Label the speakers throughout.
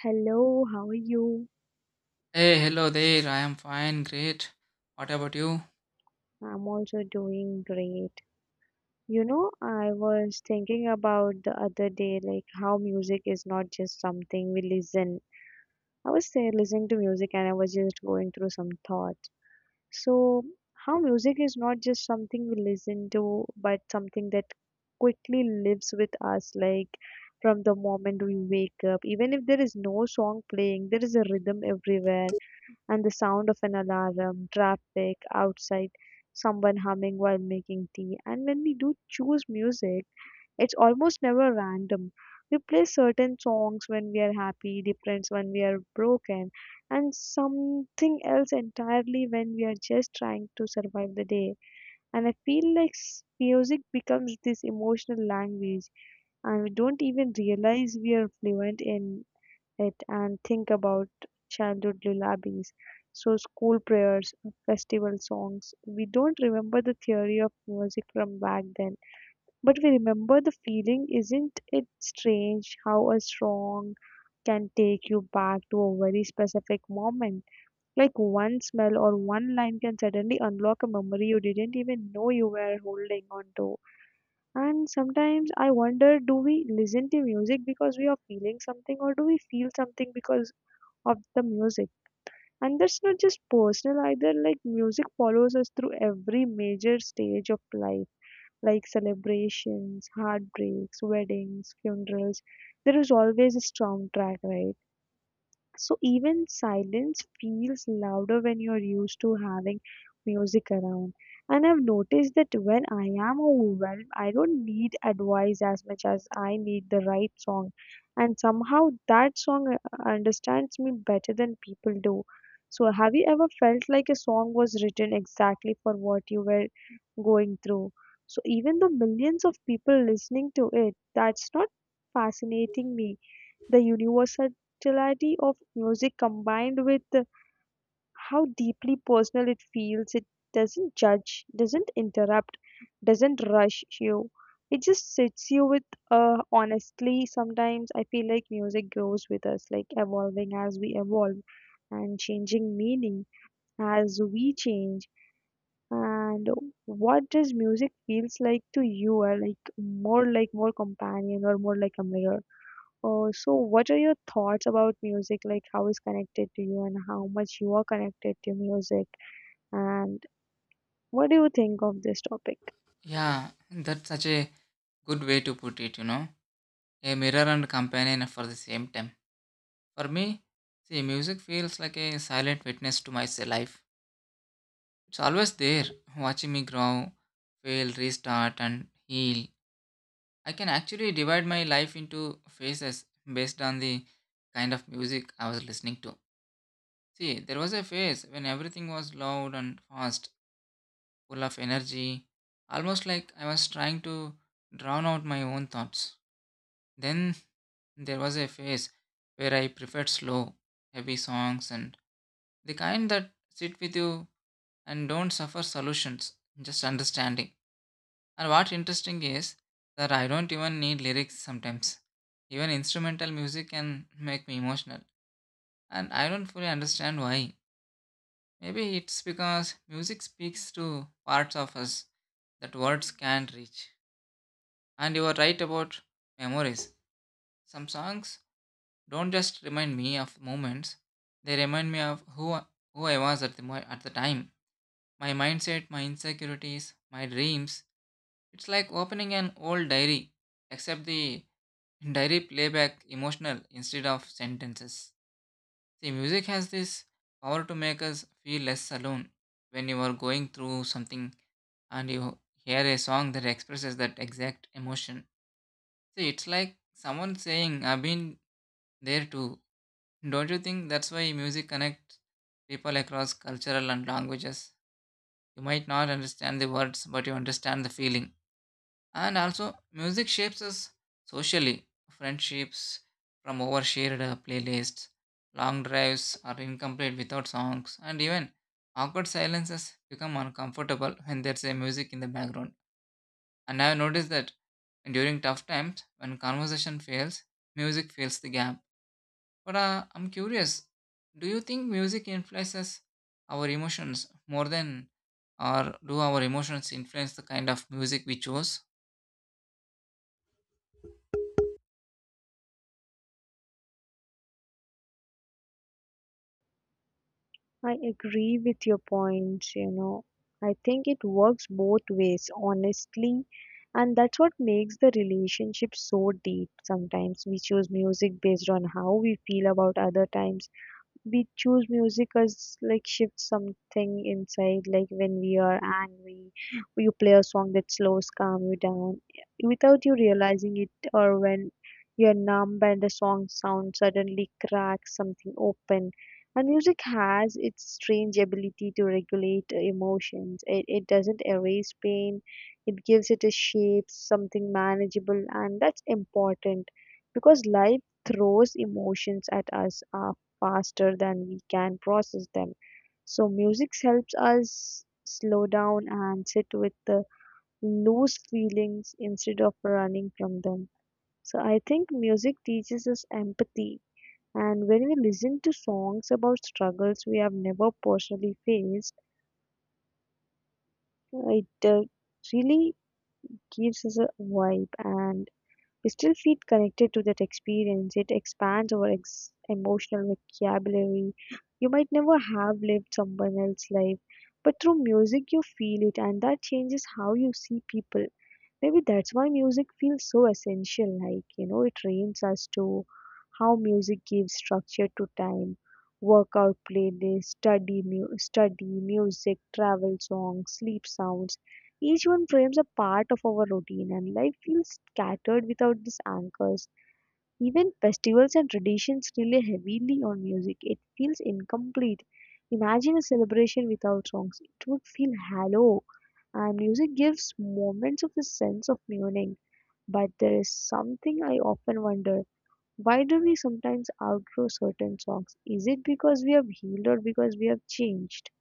Speaker 1: Hello, how are you?
Speaker 2: Hey, hello there. I am fine, great. What about you?
Speaker 1: I'm also doing great. You know, I was thinking about the other day, like how music is not just something we listen. I was there listening to music and I was just going through some thoughts. So, how music is not just something we listen to, but something that quickly lives with us, like from the moment we wake up. Even if there is no song playing, there is a rhythm everywhere and the sound of an alarm, traffic outside, someone humming while making tea. And when we do choose music, it's almost never random. We play certain songs when we are happy, different when we are broken, and something else entirely when we are just trying to survive the day. And I feel like music becomes this emotional language, and we don't even realize we are fluent in it and think about childhood lullabies. So, school prayers, festival songs. We don't remember the theory of music from back then, but we remember the feeling. Isn't it strange how a song can take you back to a very specific moment? Like one smell or one line can suddenly unlock a memory you didn't even know you were holding on to. And sometimes I wonder, do we listen to music because we are feeling something, or do we feel something because of the music? And that's not just personal either, like music follows us through every major stage of life, like celebrations, heartbreaks, weddings, funerals. There is always a soundtrack, right? So even silence feels louder when you're used to having music around. And I've noticed that when I am overwhelmed, I don't need advice as much as I need the right song. And somehow that song understands me better than people do. So have you ever felt like a song was written exactly for what you were going through? So even though millions of people listening to it, that's not fascinating me the universality of music combined with how deeply personal it feels. It doesn't judge, doesn't interrupt, doesn't rush you. It just sits you with honestly. Sometimes I feel like music grows with us, like evolving as we evolve and changing meaning as we change. And what does music feels like to you? Are like more companion or more like a mirror? So, what are your thoughts about music? Like, how is connected to you, and how much you are connected to music? And what do you think of this topic?
Speaker 2: Yeah, that's such a good way to put it, you know. A mirror and companion for the same time. For me, see, music feels like a silent witness to my life. It's always there, watching me grow, fail, restart, and heal. I can actually divide my life into phases based on the kind of music I was listening to. See, there was a phase when everything was loud and fast full of energy, almost like I was trying to drown out my own thoughts. Then there was a phase where I preferred slow, heavy songs and the kind that sit with you and don't suffer solutions, just understanding. And what interesting is that I don't even need lyrics sometimes. Even instrumental music can make me emotional, and I don't fully understand why. Maybe it's because music speaks to parts of us that words can't reach. And you are right about memories. Some songs don't just remind me of moments, they remind me of who I was at the time. My mindset, my insecurities, my dreams. It's like opening an old diary, except the diary playback emotional instead of sentences. See, music has this power to make us feel less alone. When you are going through something and you hear a song that expresses that exact emotion, see, it's like someone saying, I've been there too. Don't you think that's why music connects people across cultural and languages? You might not understand the words, but you understand the feeling. And also, music shapes us socially. Friendships from overshared playlists, long drives are incomplete without songs, and even awkward silences become uncomfortable when there's a music in the background. And I've noticed that during tough times, when conversation fails, music fills the gap. But I'm curious, do you think music influences our emotions more than, or do our emotions influence the kind of music we choose?
Speaker 1: I agree with your points, you know. I think it works both ways, honestly. And that's what makes the relationship so deep. Sometimes we choose music based on how we feel about, other times we choose music as like shift something inside, like when we are angry you play a song that slows calm you down without you realizing it. Or when you're numb and the song sound suddenly cracks something open, and music has its strange ability to regulate emotions. It doesn't erase pain, it gives it a shape, something manageable. And that's important because life throws emotions at us faster than we can process them. So music helps us slow down and sit with the loose feelings instead of running from them. So I think music teaches us empathy. And when we listen to songs about struggles we have never personally faced, it really gives us a vibe and we still feel connected to that experience. It expands our emotional vocabulary. You might never have lived someone else's life, but through music you feel it, and that changes how you see people. Maybe that's why music feels so essential. Like, you know, it trains us to how music gives structure to time, workout playlist, study music, travel songs, sleep sounds, each one frames a part of our routine, and life feels scattered without these anchors. Even festivals and traditions rely heavily on music. It feels incomplete. Imagine a celebration without songs. It would feel hollow, and music gives moments of a sense of meaning. But there is something I often wonder. Why do we sometimes outgrow certain songs? Is it because we have healed or because we have changed?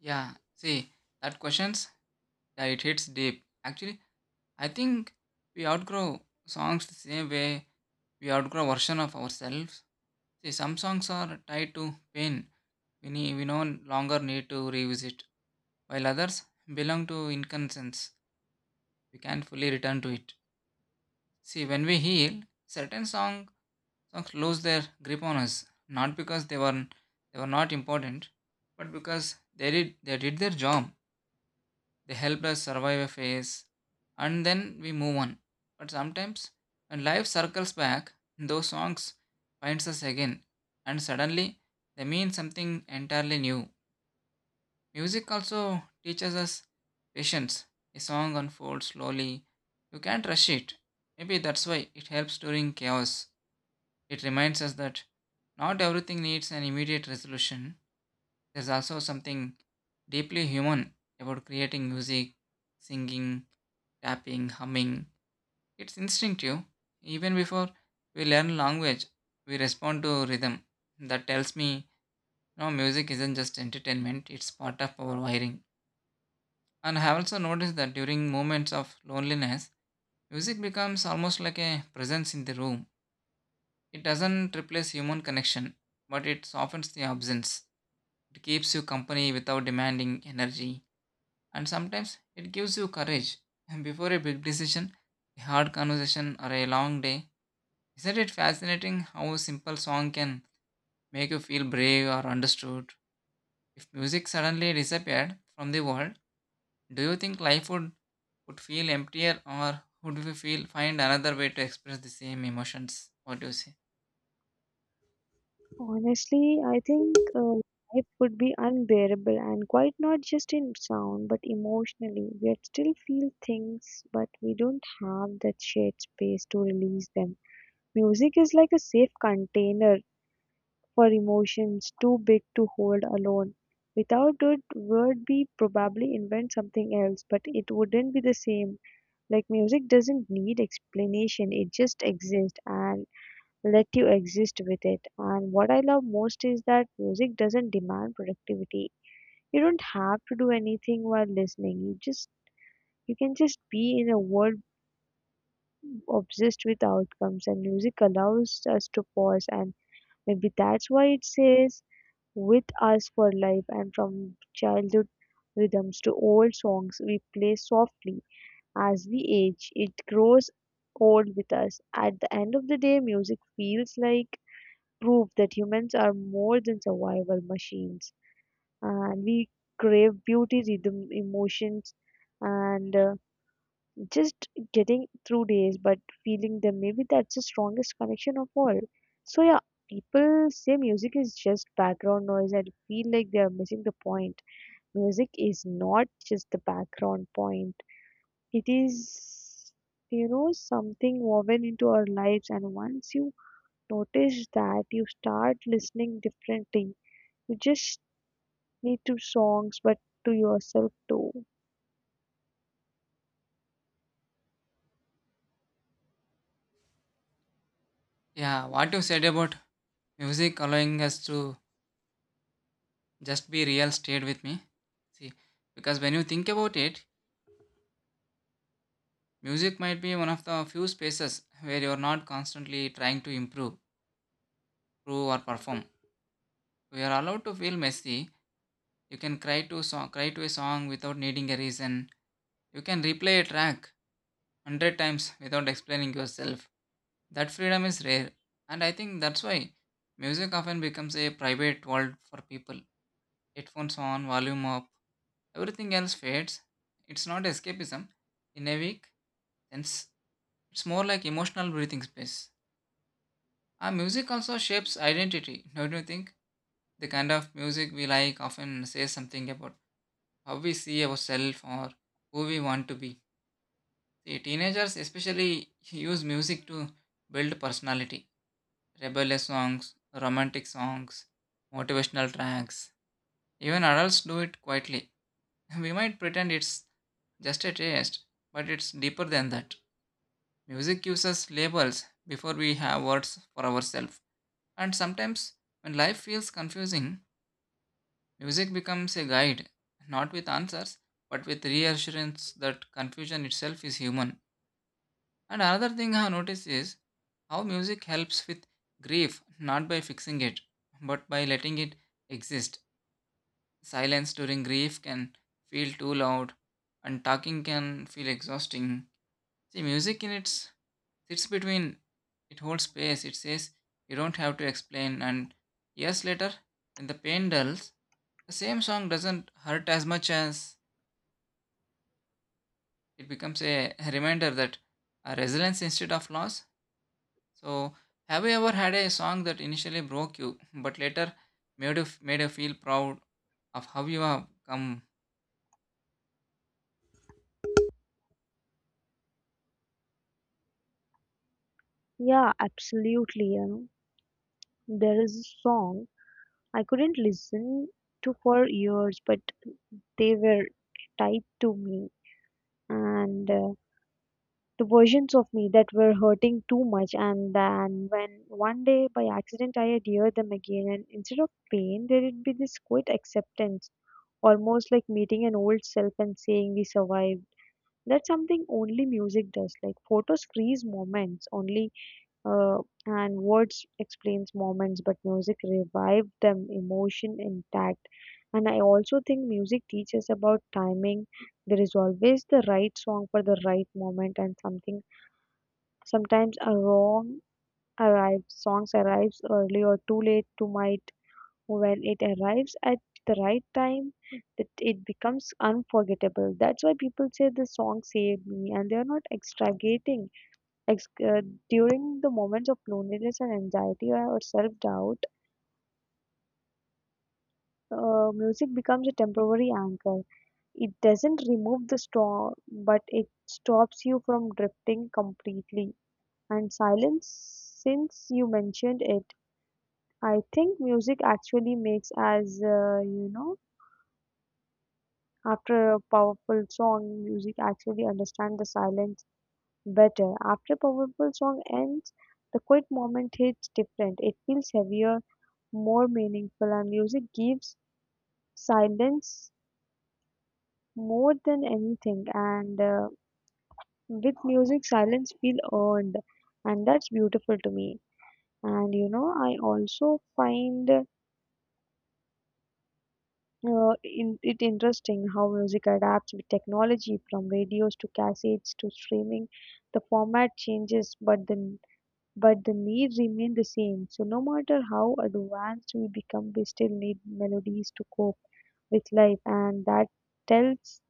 Speaker 2: Yeah, see, that questions, yeah, it hits deep. Actually, I think we outgrow songs the same way we outgrow version of ourselves. See, some songs are tied to pain. We no longer need to revisit, while others belong to inconscience. We can't fully return to it. See, when we heal, certain songs lose their grip on us not because they were not important but because they did their job, they helped us survive a phase, and then we move on. But sometimes when life circles back, those songs finds us again, and suddenly they mean something entirely new. Music also teaches us patience. A song unfolds slowly, you can't rush it. Maybe that's why it helps during chaos. It reminds us that not everything needs an immediate resolution. There's also something deeply human about creating music, singing, tapping, humming. It's instinctive. Even before we learn language, we respond to rhythm. That tells me no, music isn't just entertainment, it's part of our wiring. And I have also noticed that during moments of loneliness, music becomes almost like a presence in the room. It doesn't replace human connection, but it softens the absence. It keeps you company without demanding energy, and sometimes it gives you courage. And before a big decision, a hard conversation, or a long day, isn't it fascinating how a simple song can make you feel brave or understood? If music suddenly disappeared from the world, do you think life would feel emptier or would we feel find another way to express the same emotions? What do you say?
Speaker 1: Honestly, I think life would be unbearable and quite, not just in sound but emotionally. We still feel things, but we don't have that shared space to release them. Music is like a safe container for emotions too big to hold alone. Without it, would be probably invent something else, but it wouldn't be the same. Like music doesn't need explanation; it just exists, and let you exist with it. And what I love most is that music doesn't demand productivity. You don't have to do anything while listening. You just, you can just be in a world obsessed with outcomes, and music allows us to pause. And maybe that's why it says with us for life. And from childhood rhythms to old songs we play softly as we age, it grows old with us. At the end of the day, music feels like prove that humans are more than survival machines, and we crave beauty, rhythm, emotions, and just getting through days but feeling them. Maybe that's the strongest connection of all. So, yeah, people say music is just background noise and feel like they are missing the point. Music is not just the background point, it is, you know, something woven into our lives, and once you notice that, you start listening differently. You just need to songs, but to yourself too.
Speaker 2: Yeah, what you said about music allowing us to just be real stayed with me. See, because when you think about it, music might be one of the few spaces where you're not constantly trying to improve, prove or perform. We are allowed to feel messy. You can cry to a song without needing a reason. You can replay a track hundred times without explaining yourself. That freedom is rare, and I think that's why music often becomes a private world for people. Headphones on, volume up, everything else fades. It's not escapism. In a week, since it's more like emotional breathing space. Our music also shapes identity, don't you think? The kind of music we like often says something about how we see ourselves or who we want to be. See, teenagers especially use music to build personality. Rebellious songs, romantic songs, motivational tracks. Even adults do it quietly. We might pretend it's just a taste, but it's deeper than that. Music gives us labels before we have words for ourselves. And sometimes, when life feels confusing, music becomes a guide, not with answers, but with reassurance that confusion itself is human. And another thing I have noticed is how music helps with grief, not by fixing it, but by letting it exist. Silence during grief can feel too loud, and talking can feel exhausting. See, music in its sits between, it holds space. It says you don't have to explain. And years later, when the pain dulls, the same song doesn't hurt as much as it becomes a reminder that a resilience instead of loss. So, have you ever had a song that initially broke you, but later made you feel proud of how you have come?
Speaker 1: Yeah, absolutely. You know, there is a song I couldn't listen to for years, but they were tied to me and the versions of me that were hurting too much. And then when one day by accident I had heard them again, and instead of pain, there'd be this quiet acceptance, almost like meeting an old self and saying we survived. That's something only music does. Like photos freeze moments, only uh, and words explains moments, but music revived them, emotion intact. And I also think music teaches about timing. There is always the right song for the right moment, and something, sometimes a wrong arrives, songs arrives early or too late to might. When it arrives at the right time, that it becomes unforgettable. That's why people say the song saved me, and they are not extragating. Ex- uh, During the moments of loneliness and anxiety or self-doubt, music becomes a temporary anchor. It doesn't remove the storm, but it stops you from drifting completely. And silence, since you mentioned it, I think music actually makes as you know, after a powerful song, music actually understands the silence better. After a powerful song ends, the quiet moment hits different. It feels heavier, more meaningful, and music gives silence more than anything. And with music silence feel earned, and that's beautiful to me. And you know, I also find it interesting how music adapts with technology, from radios to cassettes to streaming. The format changes, but the need remain the same. So no matter how advanced we become, we still need melodies to cope with life. And that tells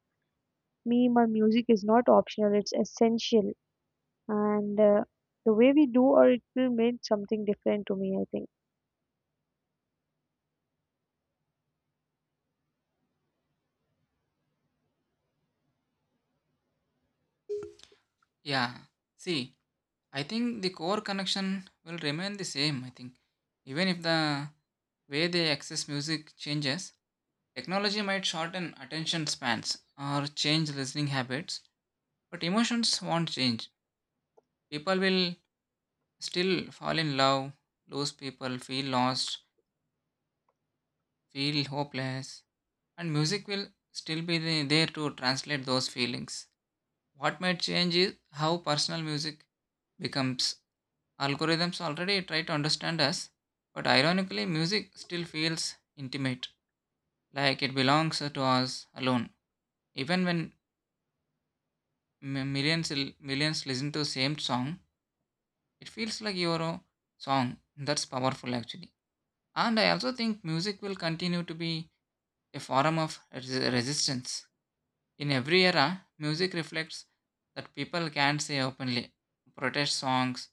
Speaker 1: meme or music is not optional, it's essential. And the way we do or it will mean something different to me, I think.
Speaker 2: Yeah. See, I think the core connection will remain the same. I think even if the way they access music changes, technology might shorten attention spans or change listening habits, but emotions won't change. People will still fall in love, lose people, feel lost, feel hopeless, and music will still be there to translate those feelings. What might change is how personal music becomes. Algorithms already try to understand us, but ironically, music still feels intimate, like it belongs to us alone even when millions listen to same song. It feels like your own song. That's powerful actually. And I also think music will continue to be a form of resistance. In every era music reflects that people can't say openly, protest songs,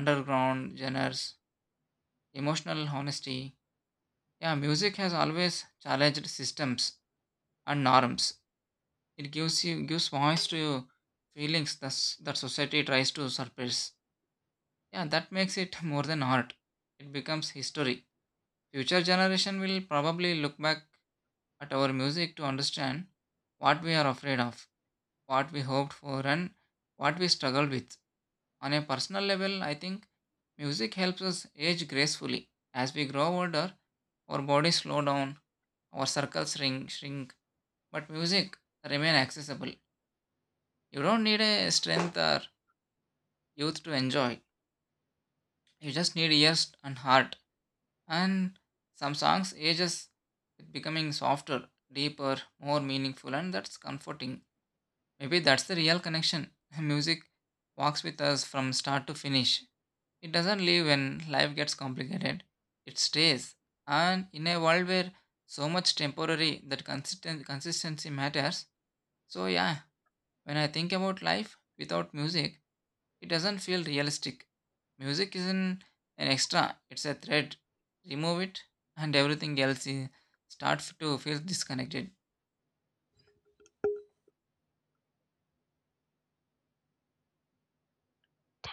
Speaker 2: underground genres, emotional honesty. Yeah, music has always challenged systems and norms. It gives you gives voice to feelings that, that society tries to suppress. Yeah, that makes it more than art. It becomes history. Future generation will probably look back at our music to understand what we are afraid of, what we hoped for and what we struggled with. On a personal level, I think music helps us age gracefully. As we grow older, our bodies slow down, our circles shrink, but music remain accessible. You don't need a strength or youth to enjoy. You just need ears and heart. And some songs ages, it becoming softer, deeper, more meaningful, and that's comforting. Maybe that's the real connection. Music walks with us from start to finish. It doesn't leave when life gets complicated, it stays. And in a world where so much temporary, that consistent consistency matters. So yeah, when I think about life without music, it doesn't feel realistic. Music isn't an extra, it's a thread. Remove it, and everything else is, starts to feel disconnected.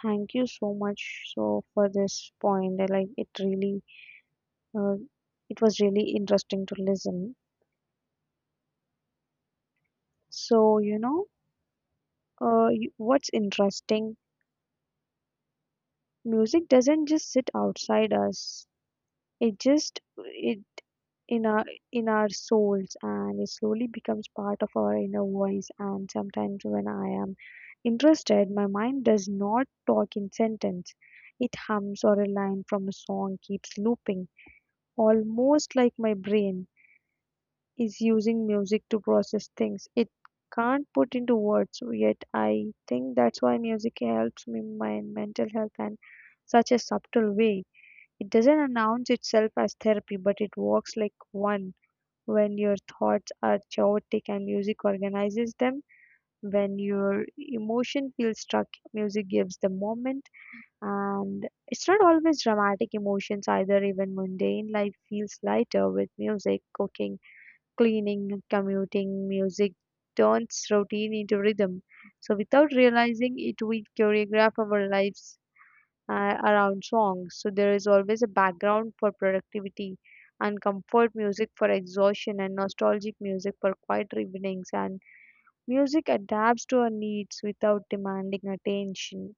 Speaker 1: Thank you so much. So for this point I like it, really. uh, it was really interesting to listen. So you know, what's interesting, music doesn't just sit outside us, it just it in our, in our souls, and it slowly becomes part of our inner voice. And sometimes when I am interested, my mind does not talk in sentence, it hums or a line from a song keeps looping, almost like my brain is using music to process things it can't put into words yet. I think that's why music helps me my mental health in such a subtle way. It doesn't announce itself as therapy, but it works like one. When your thoughts are chaotic and music organizes them. When your emotion feels stuck, music gives the moment. And it's not always dramatic emotions either, even mundane life feels lighter with music, cooking, cleaning, commuting. Music turns routine into rhythm. So without realizing it, we choreograph our lives around songs. So there is always a background for productivity and comfort, music for exhaustion and nostalgic music for quiet evenings. And music adapts to our needs without demanding attention,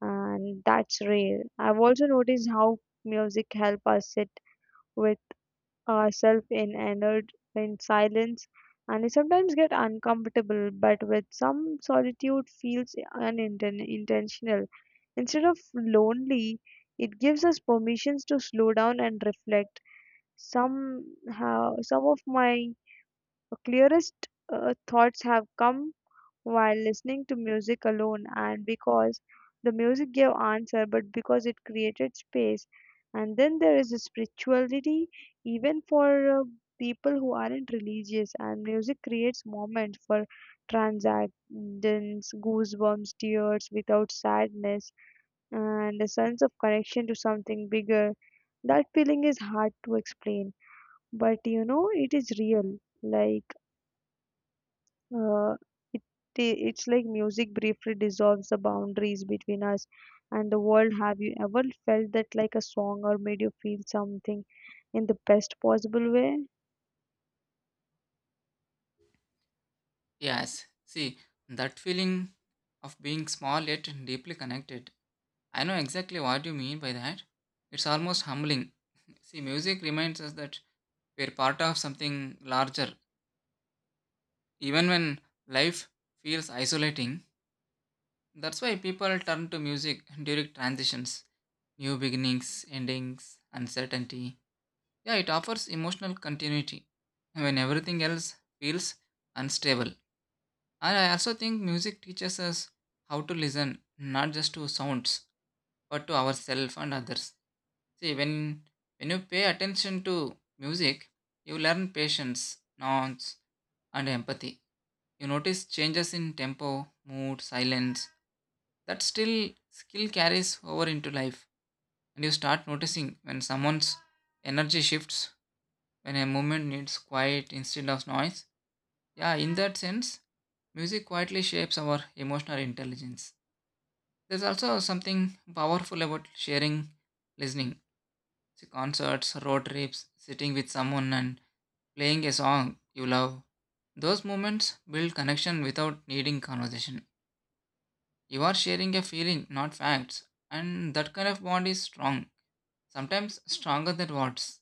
Speaker 1: and that's rare. I've also noticed how music help us sit with ourselves in entered in silence, and I sometimes get uncomfortable, but with some solitude feels unintentional instead of lonely. It gives us permissions to slow down and reflect. Somehow some of my clearest thoughts have come while listening to music alone, and because the music gave answer but because it created space. And then there is a spirituality, even for people who aren't religious, and music creates moment for transcendence, goosebumps, tears without sadness, and a sense of connection to something bigger. That feeling is hard to explain, but you know it is real. Like uh, it, it's like music briefly dissolves the boundaries between us and the world. Have you ever felt that, like a song or made you feel something in the best possible way?
Speaker 2: Yes, see, that feeling of being small yet deeply connected. I know exactly what you mean by that. It's almost humbling. See, music reminds us that we're part of something larger, even when life feels isolating. That's why people turn to music during transitions, new beginnings, endings, uncertainty. Yeah, it offers emotional continuity when everything else feels unstable. And I also think music teaches us how to listen, not just to sounds, but to ourselves and others. See, when you pay attention to music, you learn patience, nuance, and empathy. You notice changes in tempo, mood, silence. That still skill carries over into life, and you start noticing when someone's energy shifts, when a movement needs quiet instead of noise. Yeah, in that sense, music quietly shapes our emotional intelligence. There's also something powerful about sharing, listening. See, concerts, road trips, sitting with someone and playing a song you love. Those moments build connection without needing conversation. You are sharing a feeling, not facts, and that kind of bond is strong, sometimes stronger than words.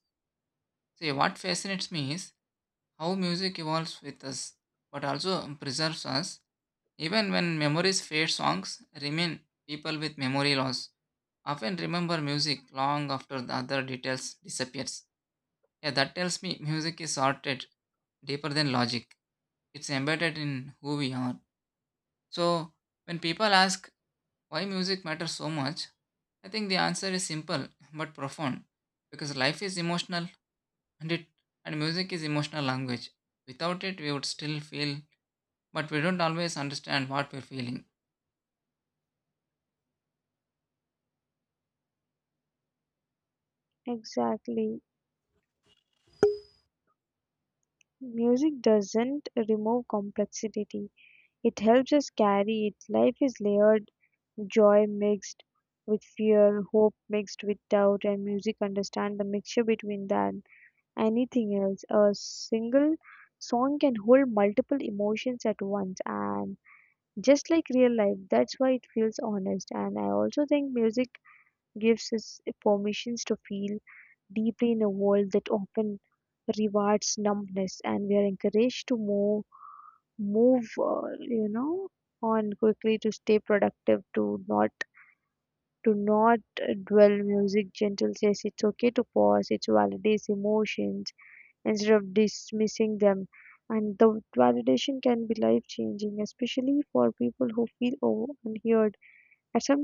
Speaker 2: See, what fascinates me is how music evolves with us, but also preserves us. Even when memories fade, songs remain. People with memory loss often remember music long after the other details disappears. Yeah, that tells me music is sorted deeper than logic. It's embedded in who we are. So when people ask why music matters so much, I think the answer is simple but profound because life is emotional and it and music is emotional language. Without it, we would still feel but we don't always understand what we're feeling.
Speaker 1: Exactly. Music doesn't remove complexity, it helps us carry it. Life is layered, joy mixed with fear, hope mixed with doubt, and music understand the mixture between than anything else. A single song can hold multiple emotions at once, and just like real life, that's why it feels honest. And I also think music gives us permissions to feel deeply in a world that often rewards numbness, and we are encouraged to move on quickly, to stay productive, to not do not dwell. Music gentle says it's okay to pause, it validates emotions instead of dismissing them, and the validation can be life changing, especially for people who feel over unheard. At some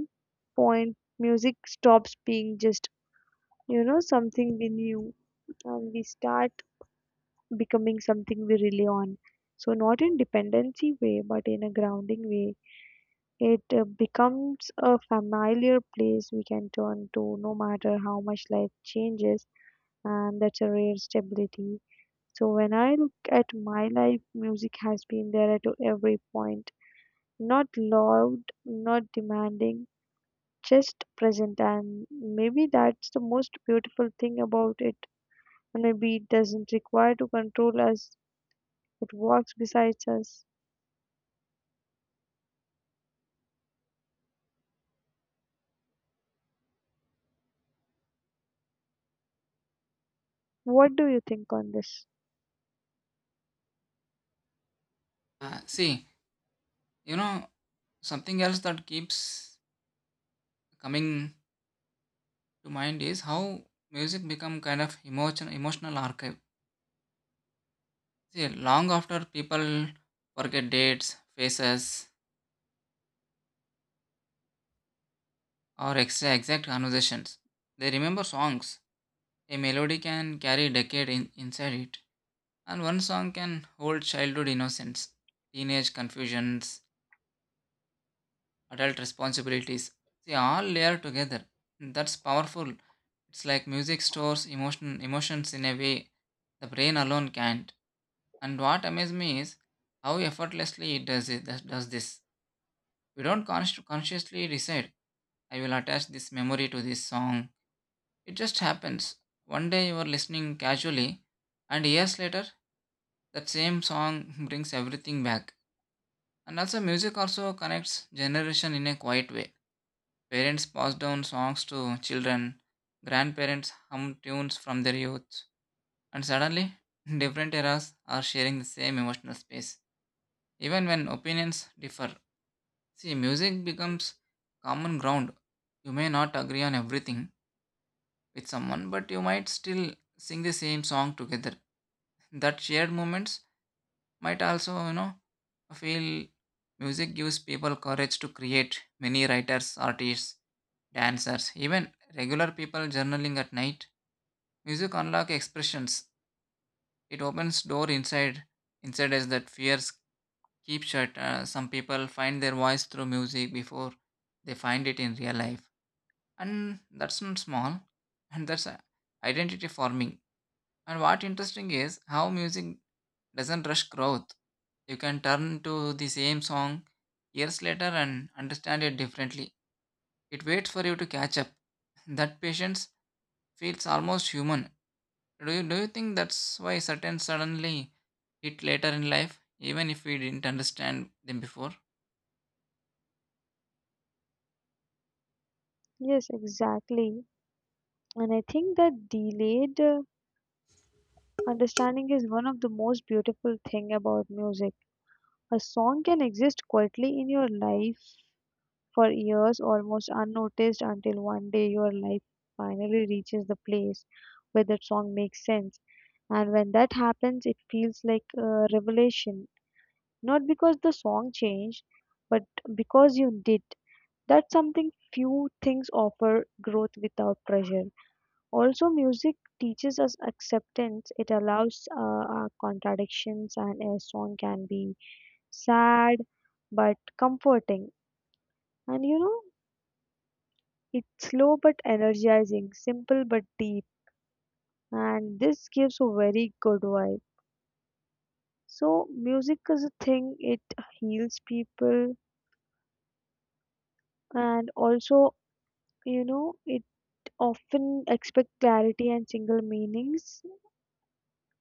Speaker 1: point music stops being just something we knew, and we start becoming something we rely on. So not in dependency way, but in a grounding way. It becomes a familiar place we can turn to no matter how much life changes, and that's a rare stability. So, when I look at my life, music has been there at every point. Not loud, not demanding, just present. And maybe that's the most beautiful thing about it. And maybe it doesn't require to control us, it walks beside us. What do you think on this?
Speaker 2: See, you know, something else that keeps coming to mind is how music become kind of emotional archive. See, long after people forget dates, faces, or extra exact conversations, they remember songs. A melody can carry a decade inside it, and one song can hold childhood innocence, teenage confusions, adult responsibilities. See, all layered together. That's powerful. It's like music stores emotions in a way the brain alone can't. And what amazes me is how effortlessly it does it that does this. We don't consciously decide I will attach this memory to this song. It just happens. One day you are listening casually, and years later that same song brings everything back. And also music also connects generation in a quiet way. Parents pass down songs to children, grandparents hum tunes from their youth, and suddenly, different eras are sharing the same emotional space, even when opinions differ. See, music becomes common ground. You may not agree on everything with someone, but you might still sing the same song together. That shared moments might also, you know, feel music gives people courage to create. Many writers, artists, dancers, even regular people journaling at night. Music unlocks expressions. It opens door inside us that fears keep shut. Some people find their voice through music before they find it in real life, and that's not small, and that's identity forming. And what interesting is how music doesn't rush growth. You can turn to the same song years later and understand it differently. It waits for you to catch up. That patience feels almost human. Do you think that's why certain suddenly hit later in life, even if we didn't understand them before?
Speaker 1: Yes, exactly. And I think that delayed understanding is one of the most beautiful thing about music. A song can exist quietly in your life for years, almost unnoticed, until one day your life finally reaches the place where that song makes sense. And when that happens, it feels like a revelation. Not because the song changed, but because you did. That's something few things offer: growth without pressure. Also, music teaches us acceptance. It allows our contradictions, and a song can be sad but comforting. And you know, it's slow but energizing, simple but deep. And this gives a very good vibe. So, music is a thing, it heals people, and also, you know, it often expect clarity and single meanings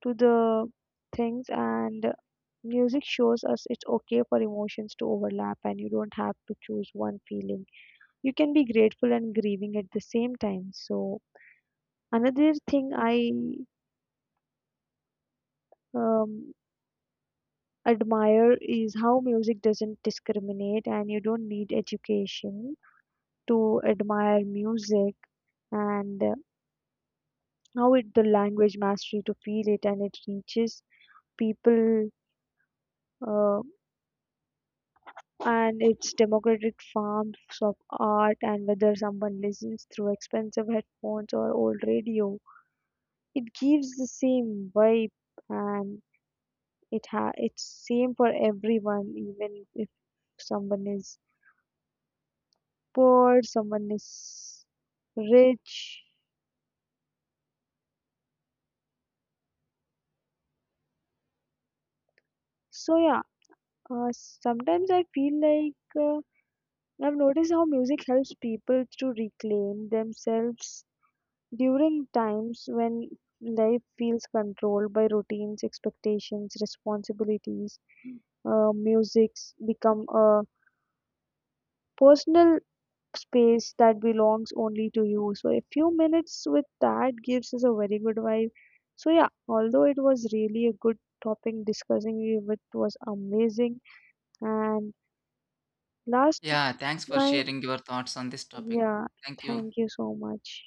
Speaker 1: to the things, and music shows us it's okay for emotions to overlap, and you don't have to choose one feeling, you can be grateful and grieving at the same time. So another thing I um, admire is how music doesn't discriminate, and you don't need education to admire music, and how it the language mastery to feel it, and it reaches people, uh, and it's democratic forms of art. And whether someone listens through expensive headphones or old radio, it gives the same vibe, and it ha it's same for everyone, even if someone is poor, someone is rich. So yeah, sometimes I feel like I've noticed how music helps people to reclaim themselves during times when life feels controlled by routines, expectations, responsibilities. Music's become a personal space that belongs only to you. So a few minutes with that gives us a very good vibe. So yeah, although it was really a good topic, discussing it with was amazing. And last
Speaker 2: Yeah, thanks for
Speaker 1: line,
Speaker 2: sharing your thoughts on this topic.
Speaker 1: yeah,
Speaker 2: Thank you.
Speaker 1: thank you so much.